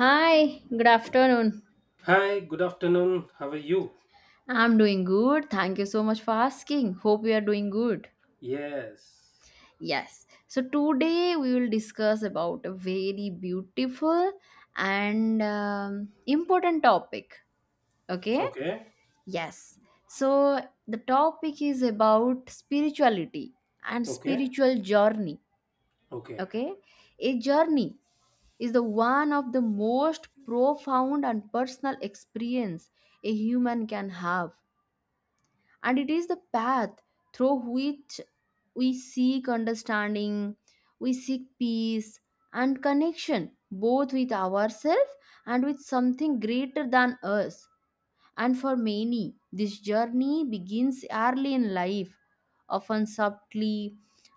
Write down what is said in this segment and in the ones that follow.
Hi, good afternoon. Hi, good afternoon. How are you? I'm doing good. Thank you so much for asking. Hope you are doing good. Yes. Yes. So today we will discuss about a very beautiful and important topic. Okay? Okay. Yes. So the topic is about spirituality and Okay. spiritual journey. Okay. Okay? A journey is the one of the most profound and personal experience a human can have, and it is the path through which we seek understanding, we seek peace and connection both with ourselves and with something greater than us. And for many, this journey begins early in life, often subtly,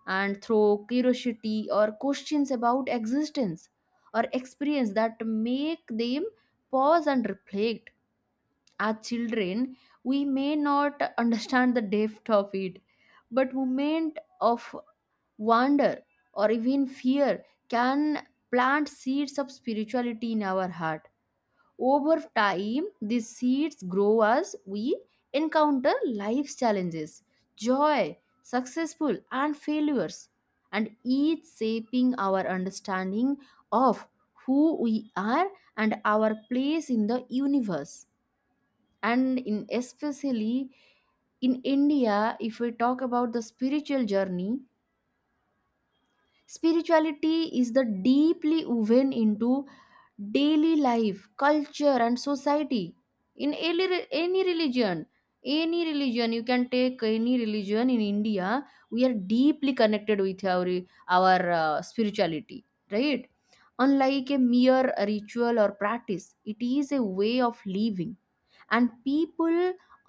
and through curiosity or questions about existence or experience that make them pause and reflect. As children, we may not understand the depth of it, but moment of wonder or even fear can plant seeds of spirituality in our heart. Over time, these seeds grow as we encounter life's challenges, joy, successful and failures, and each shaping our understanding of who we are and our place in the universe. And in especially in India, if we talk about the spiritual journey, spirituality is the deeply woven into daily life, culture, and society. In any, re- any religion, you can take any religion in India, we are deeply connected with our spirituality, right? Unlike a mere ritual or practice, it is a way of living, and people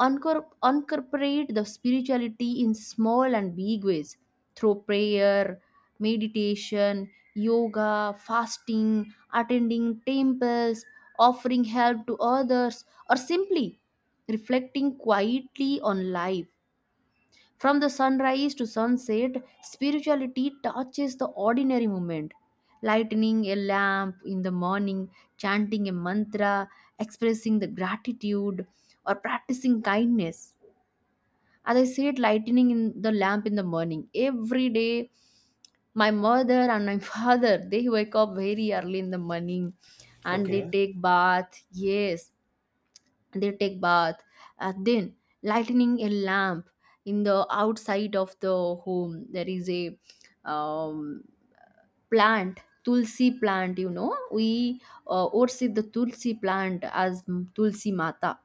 incorporate the spirituality in small and big ways through prayer, meditation, yoga, fasting, attending temples, offering help to others, or simply reflecting quietly on life. From the sunrise to sunset, spirituality touches the ordinary moment. Lighting a lamp in the morning, chanting a mantra, expressing the gratitude, or practicing kindness. As I said, lighting in the lamp in the morning. Every day, my mother and my father, they wake up very early in the morning and they Okay. take bath. Yes, they take bath, and then lighting a lamp in the outside of the home. There is a um, plant, tulsi plant, we worship the tulsi plant as tulsi mata.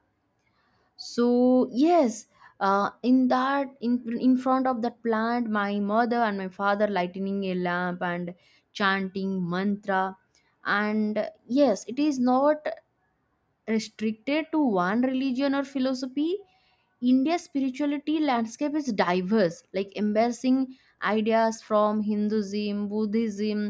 So yes, in front of that plant, my mother and my father lighting a lamp and chanting mantra. And yes, it is not restricted to one religion or philosophy. India's spirituality landscape is diverse, like embracing ideas from Hinduism, Buddhism,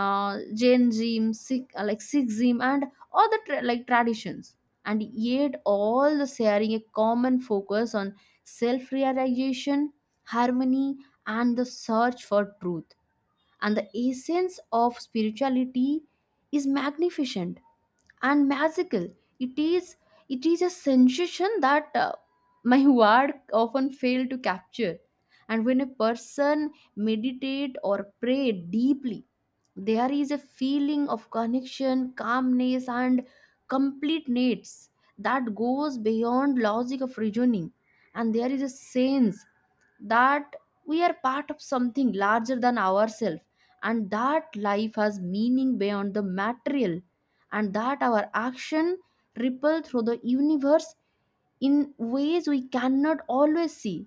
Jainism, Sikhism, and other traditions, and yet all the sharing a common focus on self-realization, harmony, and the search for truth. And the essence of spirituality is magnificent and magical. It is it is a sensation that my word often fail to capture. And when a person meditate or pray deeply, there is a feeling of connection, calmness, and completeness that goes beyond logic of reasoning. And there is a sense that we are part of something larger than ourselves, and that life has meaning beyond the material, and that our action ripple through the universe in ways we cannot always see.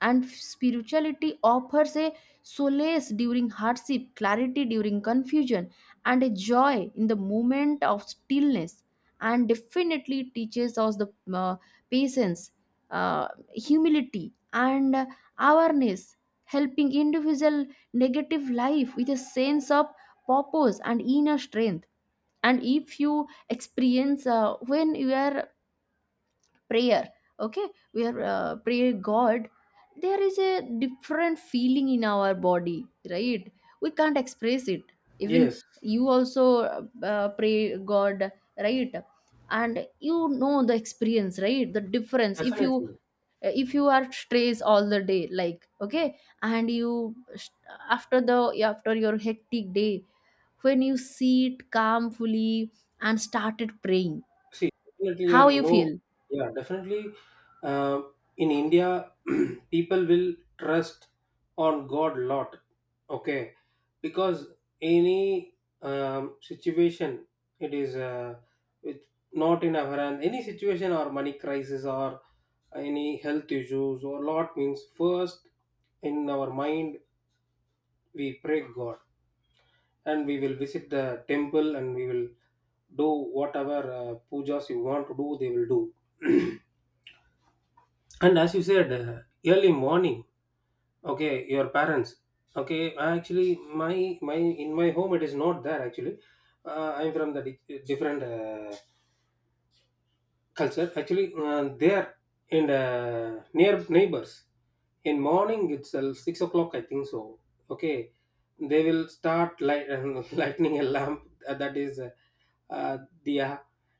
And spirituality offers a solace during hardship, clarity during confusion, and a joy in the moment of stillness. And definitely teaches us the patience, humility, and awareness, helping individual negative life with a sense of purpose and inner strength. And if you experience when you are prayer, okay, we are pray god, there is a different feeling in our body, right? We can't express it. Even Yes. you also pray god, right? And you know the experience, right, the difference, if you Definitely. if you are stressed all the day, like, okay, and you after the after your hectic day, when you sit calmfully and started praying, See, definitely, yeah, how you you know, feel? yeah, definitely. Uh, in India, people will trust on God lot, okay, because any situation, it is it not in our hand. Any situation or money crisis or any health issues or lot means first in our mind we pray God, and we will visit the temple and we will do whatever pujas you want to do they will do. And as you said, early morning, okay, your parents. Okay, actually, my in my home it is not there actually. I'm from the different culture actually. They are in the near neighbors. In morning itself 6 o'clock, I think so, okay, they will start lightning a lamp. That is uh, diya.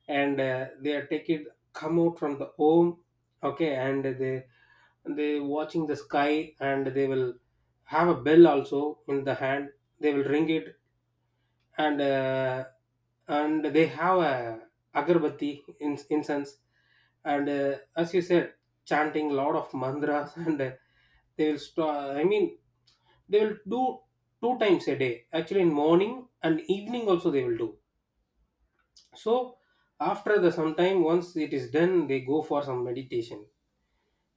And they are take it, come out from the home, okay, and they watching the sky and they will have a bell also in the hand, they will ring it. And and they have a agarbatti, incense. And as you said, chanting lot of mantras. And they will I mean, they will do two times a day actually, in morning and evening also they will do. So after the sometime once it is done, they go for some meditation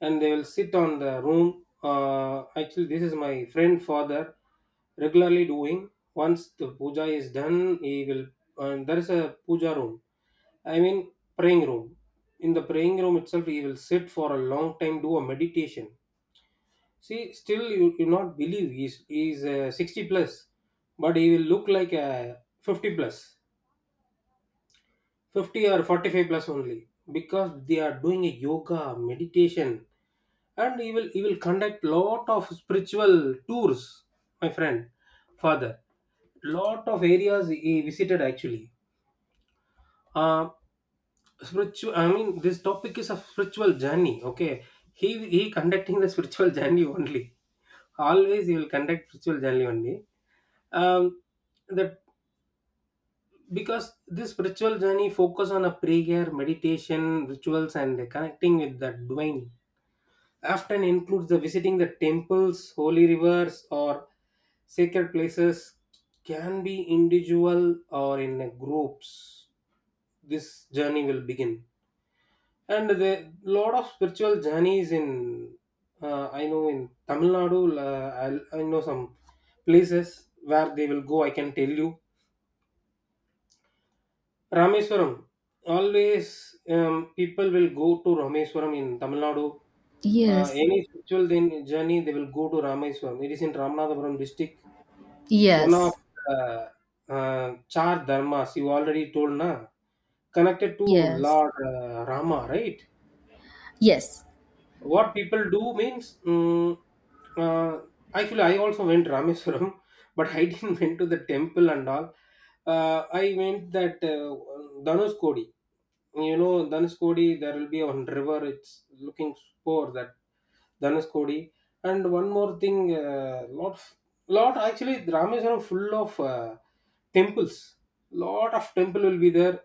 and they will sit on the room. Actually, this is my friend father regularly doing. Once the puja is done, he will. And there is a puja room. I mean, praying room. In the praying room itself, he will sit for a long time, do a meditation. See, still you not believe he's 60 plus, but he will look like a 50 plus, 50 or 45 plus only because they are doing a yoga meditation. And he will conduct lot of spiritual tours, my friend father. Lot of areas he visited actually. uh Spiritual, I mean, this topic is a spiritual journey, okay. He conducting the spiritual journey only. Always he will conduct spiritual journey only. um that because this spiritual journey focus on a prayer, meditation, rituals, and connecting with the divine. Often includes the visiting the temples, holy rivers, or sacred places. Can be individual or in a groups. This journey will begin, and the lot of spiritual journeys in, I know in Tamil Nadu. I know some places where they will go. I can tell you Rameswaram. Always people will go to Rameswaram in Tamil Nadu. Yes. Any spiritual then journey, they will go to Rameswaram. It is in Ramanathapuram district. One of Yes, the Char Dharmas, you already told, na? Connected to yes, Lord Rama, right? yes, What people do means, mm, uh, actually I also went Rameswaram but I didn't went to the temple and all. I went that, Dhanushkodi. You know Dhanushkodi, there will be one river, it's looking for that Dhanushkodi. And one more thing, lot actually Rameswaram full of temples. Lot of temple will be there.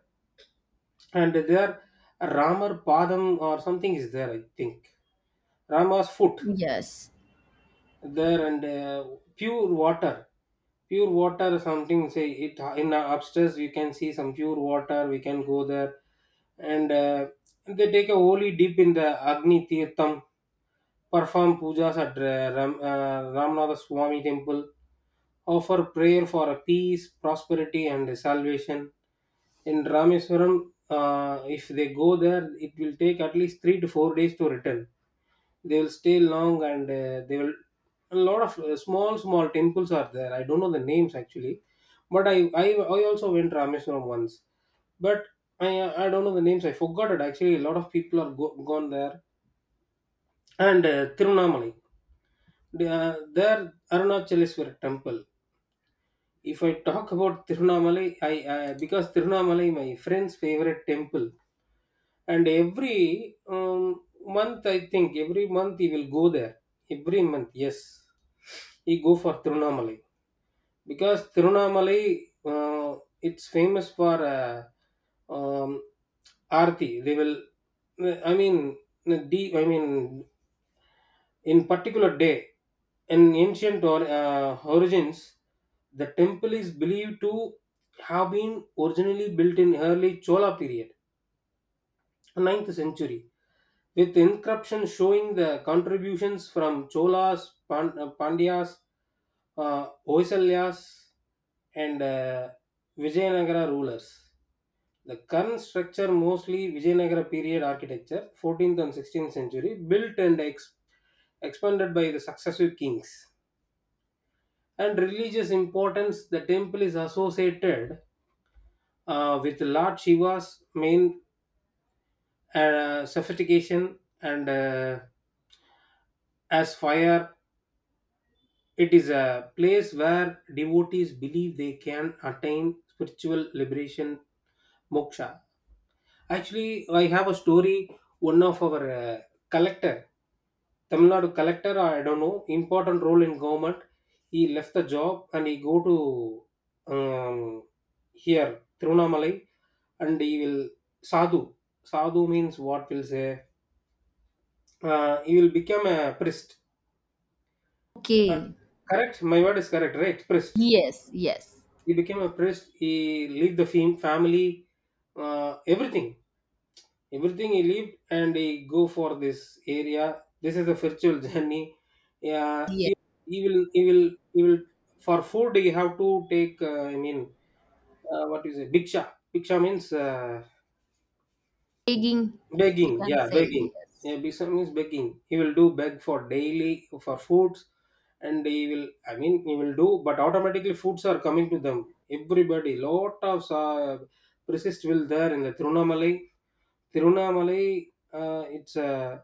And there Ramar Padam or something is there, I think. Rama's foot yes. there. And pure water, pure water something say it in, upstairs you can see some pure water, we can go there. And they take a holy dip in the Agni Tirtham, perform pujas at, Ramnatha Swami temple, offer prayer for peace, prosperity, and salvation in Rameswaram. Uh, if they go there it will take at least 3 to 4 days to return. They will stay long. And they will, a lot of small small temples are there. I don't know the names actually, but I also went Rameswaram once. But i I don't know the names. I forgot it actually. A lot of people are gone there. And Tirunamalai, there Arunachaleswar temple. If I talk about Tirunamalai, I because Tirunamalai my friend's favorite temple. And every month, I think every month he will go there. Every month, yes, he go for Tirunamalai. Because Tirunamalai it's famous for um, Aarti. They will, I mean, the I mean, in particular day, in ancient or origins, the temple is believed to have been originally built in early Chola period, ninth century, with inscriptions showing the contributions from Cholas, Pandyas, Hoysalas, and Vijayanagara rulers. The current structure mostly Vijayanagara period architecture, 14th and 16th century, built and expanded by the successive kings. And religious importance, the temple is associated with Lord Shiva's main sophistication and as fire. It is a place where devotees believe they can attain spiritual liberation, moksha. Actually, I have a story. One of our collector, Tamil Nadu collector, I don't know, important role in government. He left the job and he go to here Tirunamalai, and he will sadhu. Sadhu means what will say? He will become a priest. Uh, Okay. correct, my word is correct, right? Priest. Yes, yes, He became a priest, he leave the family, everything, everything he lived and he go for this area. This is a spiritual journey. Yeah, yes. He will he will he will for food he have to take, I mean, what is it, bhiksha. Bhiksha means, Taking, you begging, can yeah, say begging. yes. Yeah, Bisham is begging. He will do beg for daily for foods, and he will. I mean, he will do, but automatically foods are coming to them. Everybody, lot of persist will there in the Trunamalai. Tirunamalai, it's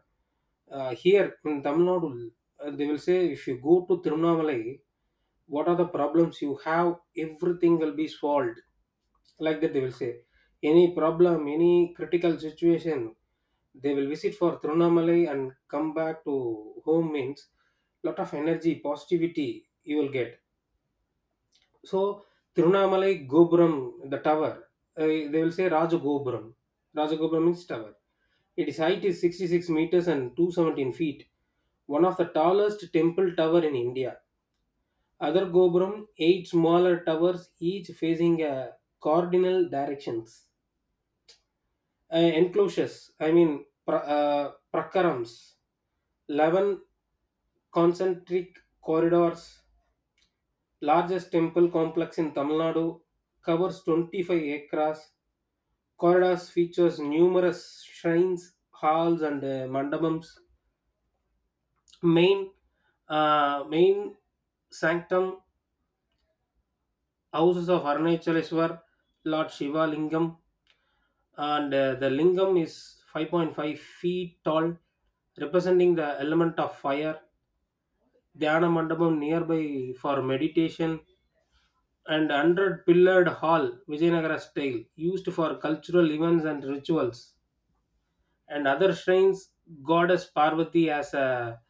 here in Tamil Nadu. Uh, they will say if you go to Tirunamalai, what are the problems you have? Everything will be solved. Like that, they will say any problem, any critical situation, they will visit for Tirunamalai and come back to home means lot of energy, positivity you will get. So, Tirunamalai Gopuram, the tower, they will say Rajagopuram. Rajagopuram means tower. Its height is 66 meters and 217 feet, one of the tallest temple tower in India. Other Gopuram, eight smaller towers, each facing a cardinal directions. Enclosures, I mean, prakarams, 11 concentric corridors, largest temple complex in Tamil Nadu, covers 25 acres. Corridors features numerous shrines, halls, and mandapams. Main Main sanctum houses of Arunachaleswar, Lord Shiva Lingam, and the Lingam is 5.5 feet tall, representing the element of fire. Dhyana mandapam nearby for meditation, and 100 pillared hall, Vijayanagara style, used for cultural events and rituals, and other shrines, goddess Parvati as a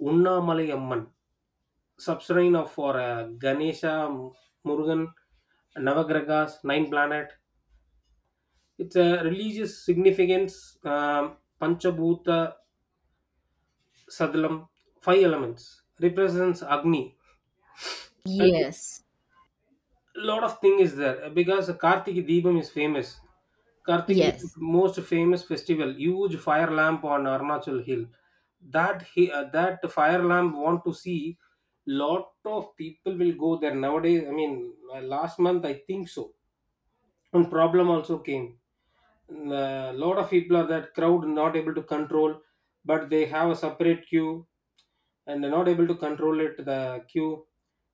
Unnamalai Amman, shrine of for Ganesha, Murugan, Navagragas, Nine Planet. It's a religious significance, Panchabhuta Sadlam, five elements, represents Agni. And Yes, lot of thing is there because Kartik Deepam is famous. Kartik Deepam yes, is most famous festival, huge fire lamp on Arunachal Hill. That he, that fire lamp want to see, lot of people will go there nowadays. I mean, last month I think so. And problem also came, a lot of people are that crowd not able to control, but they have a separate queue and they're not able to control it the queue.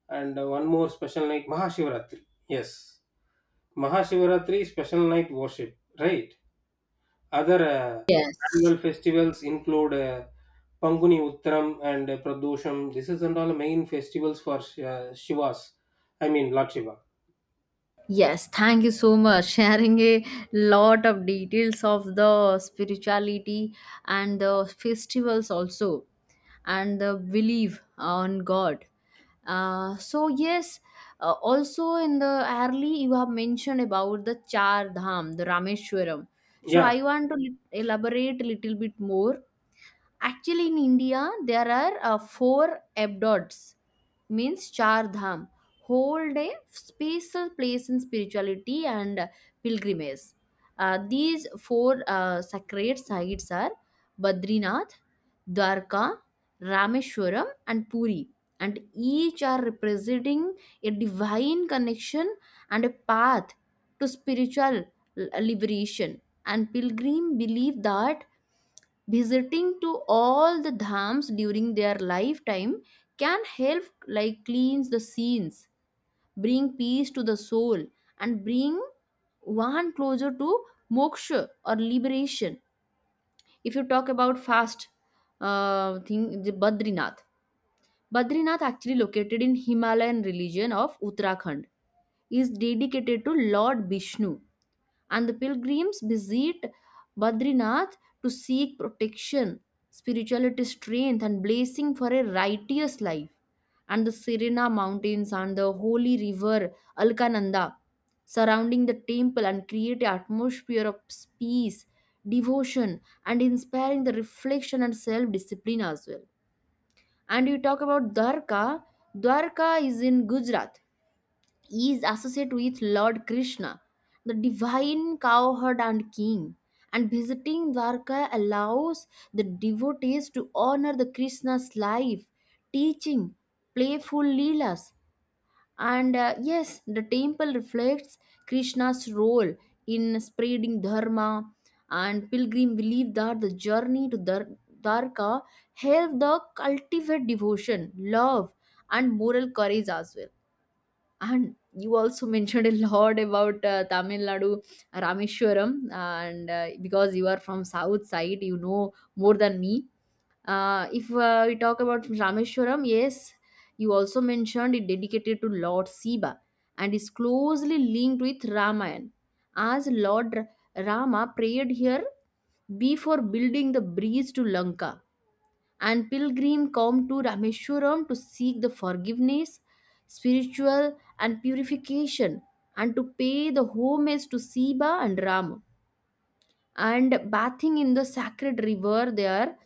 And one more special night, Mahashivaratri. Yes, Mahashivaratri special night worship, right? Other yes, annual festivals include Panguni Uttaram and Pradosham. This is and all main festivals for Shivas, I mean, Lord Shiva. yes. Thank you so much sharing a lot of details of the spirituality and the festivals also, and the belief on god. So yes, also, in the early you have mentioned about the char dham, the Rameshwaram, so I Yeah, want to elaborate a little bit more. Actually, in India, there are four abdods, means char dham, whole day special place in spirituality and pilgrimage. These four sacred sites are Badrinath, Dwarka, Rameshwaram, and Puri, and each are representing a divine connection and a path to spiritual liberation. And pilgrim believe that visiting to all the dhams during their lifetime can help like cleanse the scenes, bring peace to the soul, and bring one closer to moksha or liberation. If you talk about fast thing, the Badrinath actually located in Himalayan religion of Uttarakhand, is dedicated to Lord Vishnu, and the pilgrims visit Badrinath to seek protection, spirituality, strength, and blessing for a righteous life. And the Serena mountains and the holy river Alkananda surrounding the temple and create an atmosphere of peace, devotion, and inspiring the reflection and self discipline as well. And you talk about Dwarka. Dwarka is in Gujarat, he is associated with Lord Krishna, the divine cowherd and king. And visiting Dwarka allows the devotees to honor the Krishna's life, teaching, playful leelas. And yes, the temple reflects Krishna's role in spreading dharma. And pilgrim believe that the journey to Dwarka help the cultivate devotion, love, and moral courage as well. And you also mentioned a lot about Tamil Nadu, Rameshwaram, and because you are from south side, you know more than me. If we talk about Rameshwaram, yes, you also mentioned it dedicated to Lord Siva and is closely linked with Ramayana, as Lord Rama prayed here before building the bridge to Lanka, and pilgrim come to Rameshwaram to seek the forgiveness, spiritual and purification, and to pay the homage to Siva and Rama. And bathing in the sacred river there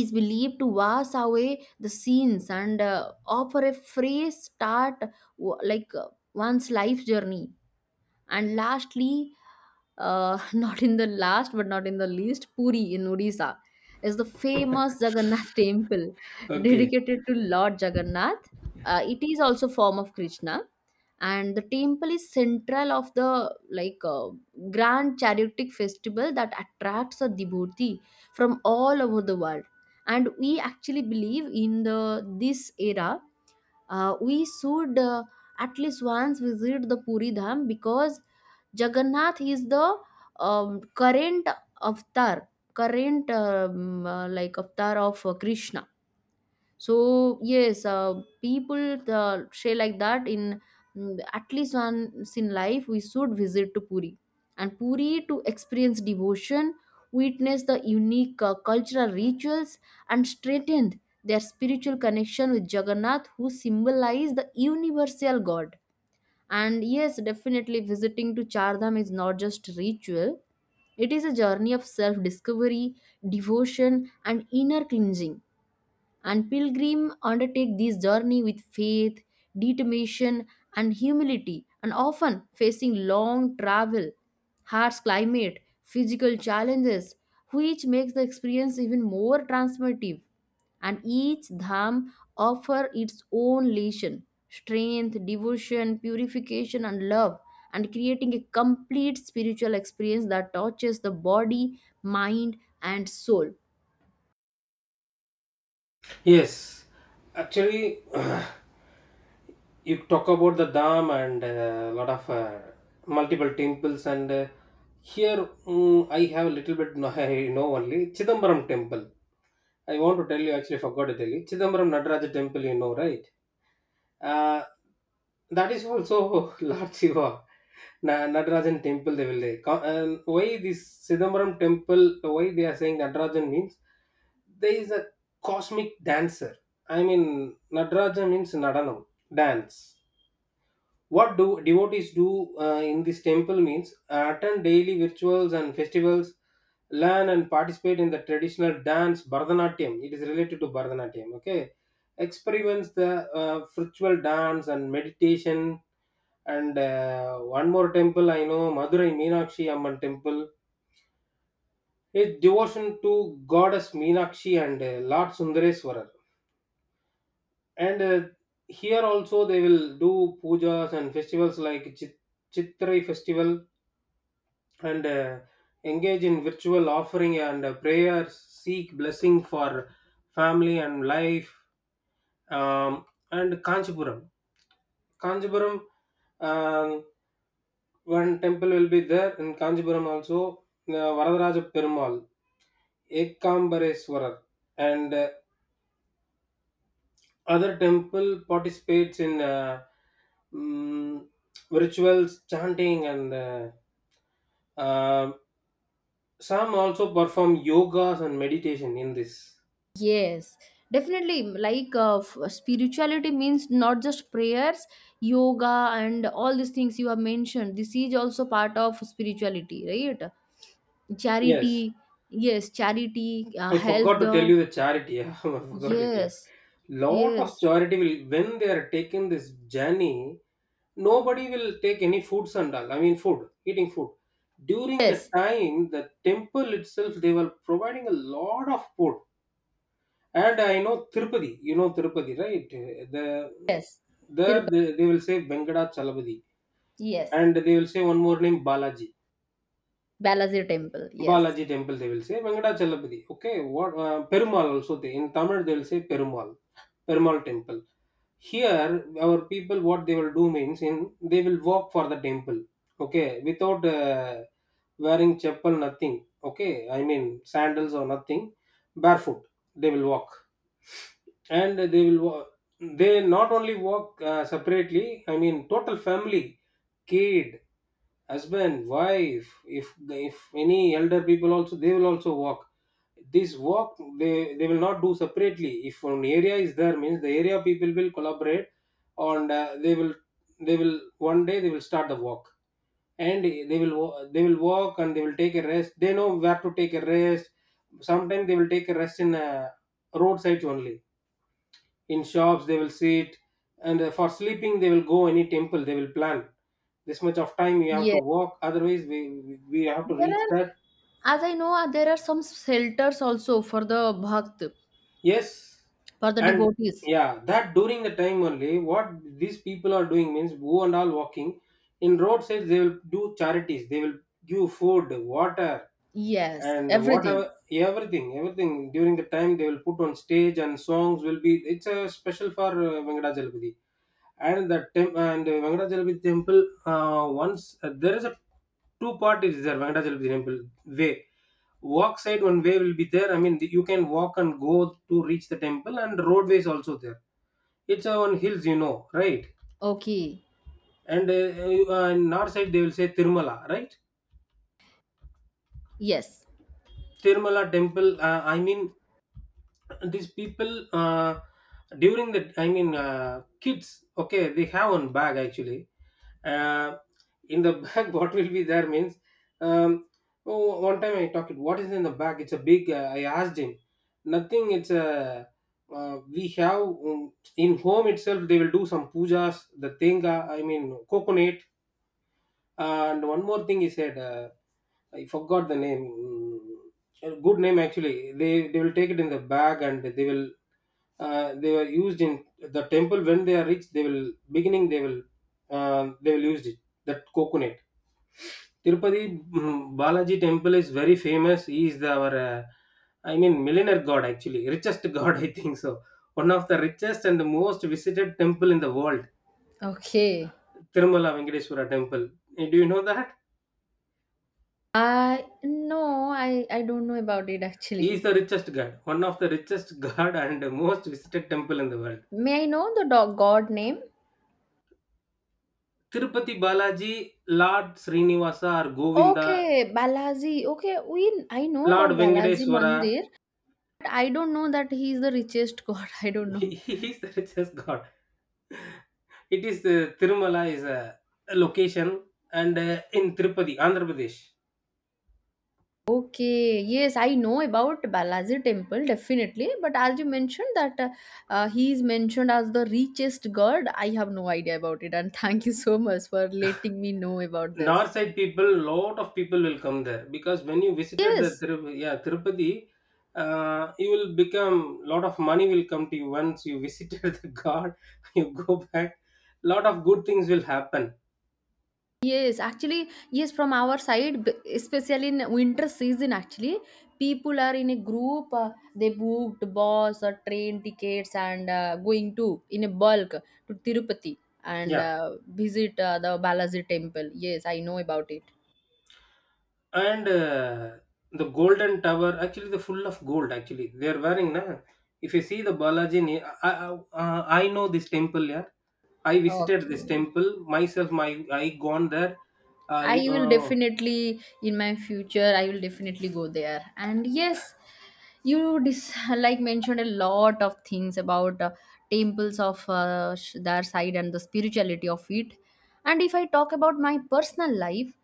is believed to wash away the sins and offer a fresh start, like one's life journey. And lastly, not in the last but not in the least, Puri in Odisha is the famous Jagannath temple okay, dedicated to Lord Jagannath. It is also form of Krishna, and the temple is central of the like grand chariotic festival that attracts a devotee from all over the world. And we actually believe in the this era, we should at least once visit the Puri Dham, because Jagannath is the current avatar, current avatar of Krishna. So yes, people say like that in, at least once in life we should visit to Puri, and Puri, to experience devotion, witness the unique cultural rituals, and strengthen their spiritual connection with Jagannath, who symbolize the universal God. And yes, definitely visiting to Chardham is not just ritual; it is a journey of self-discovery, devotion, and inner cleansing. And pilgrim undertake this journey with faith, determination, and humility, and often facing long travel, harsh climate, physical challenges, which makes the experience even more transformative. And each dham offers its own lesson, strength, devotion, purification, and love, and creating a complete spiritual experience that touches the body, mind, and soul. yes, actually. You talk about the dam and a lot of multiple temples, and here, mm, I have a little bit I know only Chidambaram temple. I want to tell you, actually forgot to tell you Chidambaram Nataraja temple, you know, right? Uh, that is also Lord Shiva. Natarajan temple they will say. And why this Chidambaram temple why they are saying Natarajan means there is a cosmic dancer. I mean Nataraja means Nadanam, dance. What do devotees do in this temple means, attend daily rituals and festivals, learn and participate in the traditional dance Bharatanatyam. It is related to Bharatanatyam. Okay, experiments the ritual dance and meditation. And one more temple I know, Madurai Meenakshi Amman Temple. His devotion to goddess Meenakshi and Lord Sundareswarar. And here also they will do pujas and festivals like Chitrai festival, and engage in virtual offering and prayers, seek blessing for family and life. And Kanchipuram. Kanchipuram, um, one temple will be there in Kanchipuram also, Varadaraja Perumal, Ekambareswarar. And other temple participates in mm, rituals, chanting, and uh, some also perform yogas and meditation in this. Yes, definitely. Like spirituality means not just prayers, yoga, and all these things you have mentioned. This is also part of spirituality, right? Yes, Charity, yes, charity, I help forgot to tell the, you the charity. Yeah, I forgot it. Yeah, yes, lot of yes, charity will when they are taking this journey. Nobody will take any foods and all. I mean, food, eating food. During the yes, time, the temple itself, they were providing a lot of food. And I know Tirupati, you know Tirupati, right? Yes. There Tirupati, they will say Venkata Chalapati, yes, and they will say one more name Balaji. Balaji Temple, yes, Balaji temple they will say Venkata Chalapati. Okay, what Perumal also, they in Tamil they will say Perumal, Perumal temple. Here, our people what they will do means, in they will walk for the temple. Okay, without wearing chapel, nothing. Okay, I mean sandals or nothing, barefoot they will walk and they not only work separately, I mean total family, kid, husband, wife, if if any elder people also, they will also work this work. They will not do separately. If one area is there means the area people will collaborate, and they will one day they will start the work, and they will work, and they will take a rest. They know where to take a rest. Sometimes they will take a rest in roadsides only, in shops they will sit, and for sleeping they will go, any temple they will plan. This much of time you have to yes. walk, otherwise we we have to There reach are, that. as I know, there are some shelters also for the bhakt, Yes, for the and devotees. yeah, that during the time only, what these people are doing means, who and all walking in roadsides, they will do charities, they will give food, water, Yes, and whatever. everything. Everything during the time they will put on stage, and songs will be. It's a special for Venkadachalamudi. And the temp and Venkatachalamudi temple, once there is a two part is there. Venkatachalamudi temple way, walk side, one way will be there, I mean you can walk and go to reach the temple, and roadways also there. It's on hills, you know, right? Okay. And in north side they will say Tirumala, right? Yes. Tirumala temple, I mean these people, uh, during the, I mean kids, okay, they have one bag actually. uh, in the bag what will be there means, um, oh, one time I talked what is in the bag. It's a big, I asked him. Nothing, it's a, we have, in home itself they will do some pujas, the tenga, I mean coconut. And one more thing he said, I forgot the name. A good name actually. They will take it in the bag, and they will, they were used in the temple when they are rich. They will beginning they will, they will use it, that coconut. Tirupati, Balaji temple is very famous. He is our, I mean, millionaire god actually, richest god I think so. One of the richest and the most visited temple in the world, Okay. Tirumala Venkateswara temple. Do you know that? I no, I don't know about it He is actually. the richest god, one of the richest god and most visited temple in the world. May I know the dog god name? Tirupati Balaji, Lord Srinivasa or Govinda, Okay, Balaji. Okay, we I know about Lord Balaji Venkateswara. Mandir, but I don't know that he is the richest god. I don't he, know. he is the richest god. It is, Tirumala is a location, and in Tirupati, Andhra Pradesh. Okay, yes, I know about Balaji temple definitely, but as you mentioned that he is mentioned as the richest god, I have no idea about it, and thank you so much for letting me know about this. North side people, lot of people will come there, because when you visited the Yes, Tirupati, yeah, Tirupati, you will become, lot of money will come to you once you visited the god. You go back, lot of good things will happen. yes, actually, yes, from our side, especially in winter season, actually, people are in a group. They booked bus or train tickets and going to in a bulk to Tirupati, and Yeah. Visit the Balaji temple. Yes, I know about it. And the golden tower, actually, they're full of gold, actually, they're wearing, na, if you see the Balaji, I know this temple, yeah. I visited Okay. this temple myself, my I gone there. I I, will definitely in my future I will definitely go there. And yes, you mentioned a lot of things about temples of their side and the spirituality of it. And if I talk about my personal life,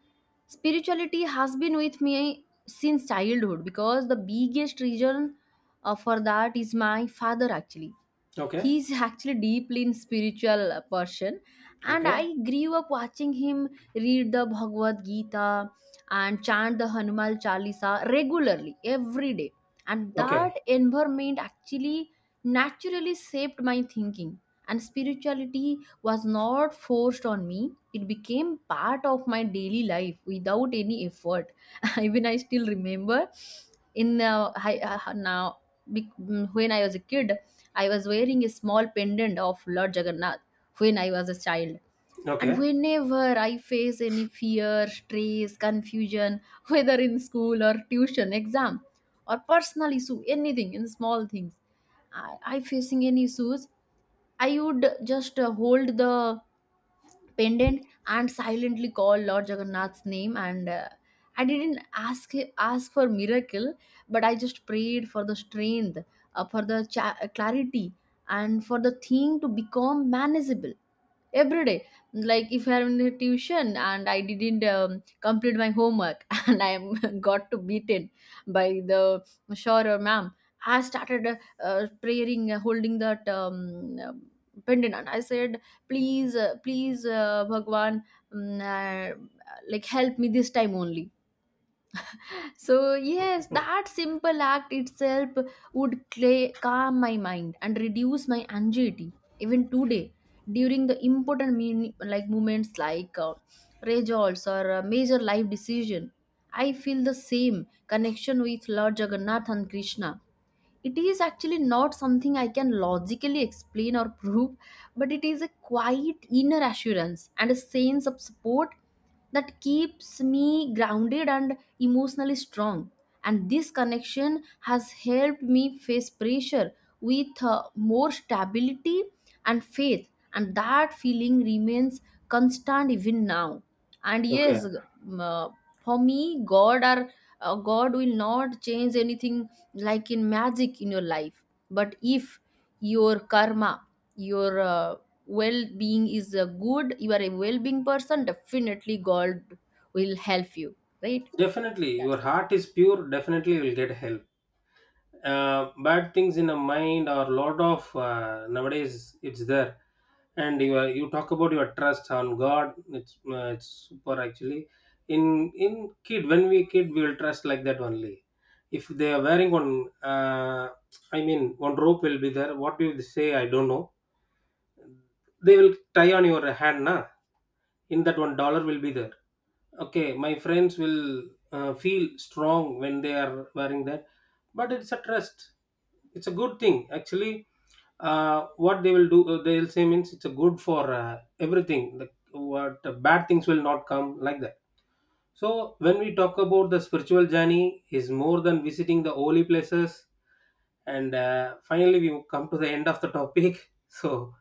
spirituality has been with me since childhood, because the biggest reason for that is my father actually. okay. He's actually deeply in spiritual person, and I Okay. grew up watching him read the Bhagavad Gita and chant the Hanuman Chalisa regularly every day. And that Okay. environment actually naturally shaped my thinking, and spirituality was not forced on me. It became part of my daily life without any effort. Even I still remember in I, now bec- mm, when I was a kid, I was wearing a small pendant of Lord Jagannath when I was a child. And Okay, whenever I face any fear, stress, confusion, whether in school or tuition, exam, or personal issue, anything in small things, I facing any issues, I would just hold the pendant and silently called Lord Jagannath's name. And I didn't ask for miracle, but I just prayed for the strength, for the clarity, and for the thing to become manageable every day. Like, if I'm in a tuition and I didn't complete my homework, and I am got to beaten by the sure or ma'am, I started praying, holding that pendant, and I said, please, please, bhagwan, um, uh, like help me this time only. So yes, that simple act itself would cla calm my mind and reduce my anxiety. Even today, during the important moments, like results or a major life decision, I feel the same connection with Lord Jagannath and Krishna. It is actually not something I can logically explain or prove, but it is a quiet inner assurance and a sense of support that keeps me grounded and emotionally strong. And this connection has helped me face pressure with more stability and faith, and that feeling remains constant even now. And okay. yes, um, uh, for me, god are god will not change anything, like in magic in your life, but if your karma, your well being is good, you are a well being person, definitely god will help you, right? Definitely, That's your it. heart is pure, definitely will get help. Bad things in the mind, or lot of, nowadays it's there. And you talk about your trust on God. It's super actually. In kid, when we kid, we will trust like that only. If they are wearing one, I mean one rope will be there. What do you say? I don't know. They will tie on your hand, na, in that, $1 will be there. Okay, my friends will feel strong when they are wearing that. But it's a trust, it's a good thing actually. What they will do, they will say means, it's a good for everything, like what, bad things will not come, like that. So, when we talk about the spiritual journey, is more than visiting the holy places. And finally, we come to the end of the topic. So,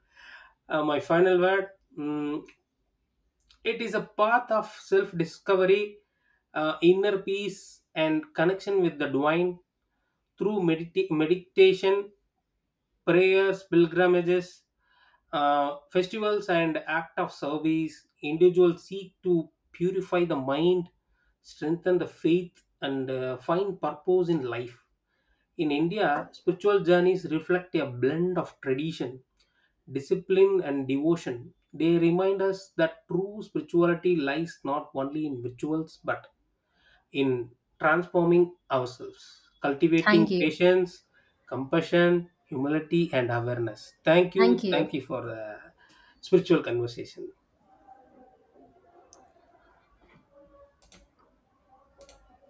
my final word: mm, it is a path of self-discovery, inner peace, and connection with the divine through meditation, prayers, pilgrimages, festivals, and act of service. Individuals seek to purify the mind, strengthen the faith, and find purpose in life. In India, spiritual journeys reflect a blend of tradition, discipline, and devotion. They remind us that true spirituality lies not only in rituals but in transforming ourselves, Thank cultivating you. patience, compassion, humility, and awareness. Thank Thank you. you. Thank you for the spiritual conversation.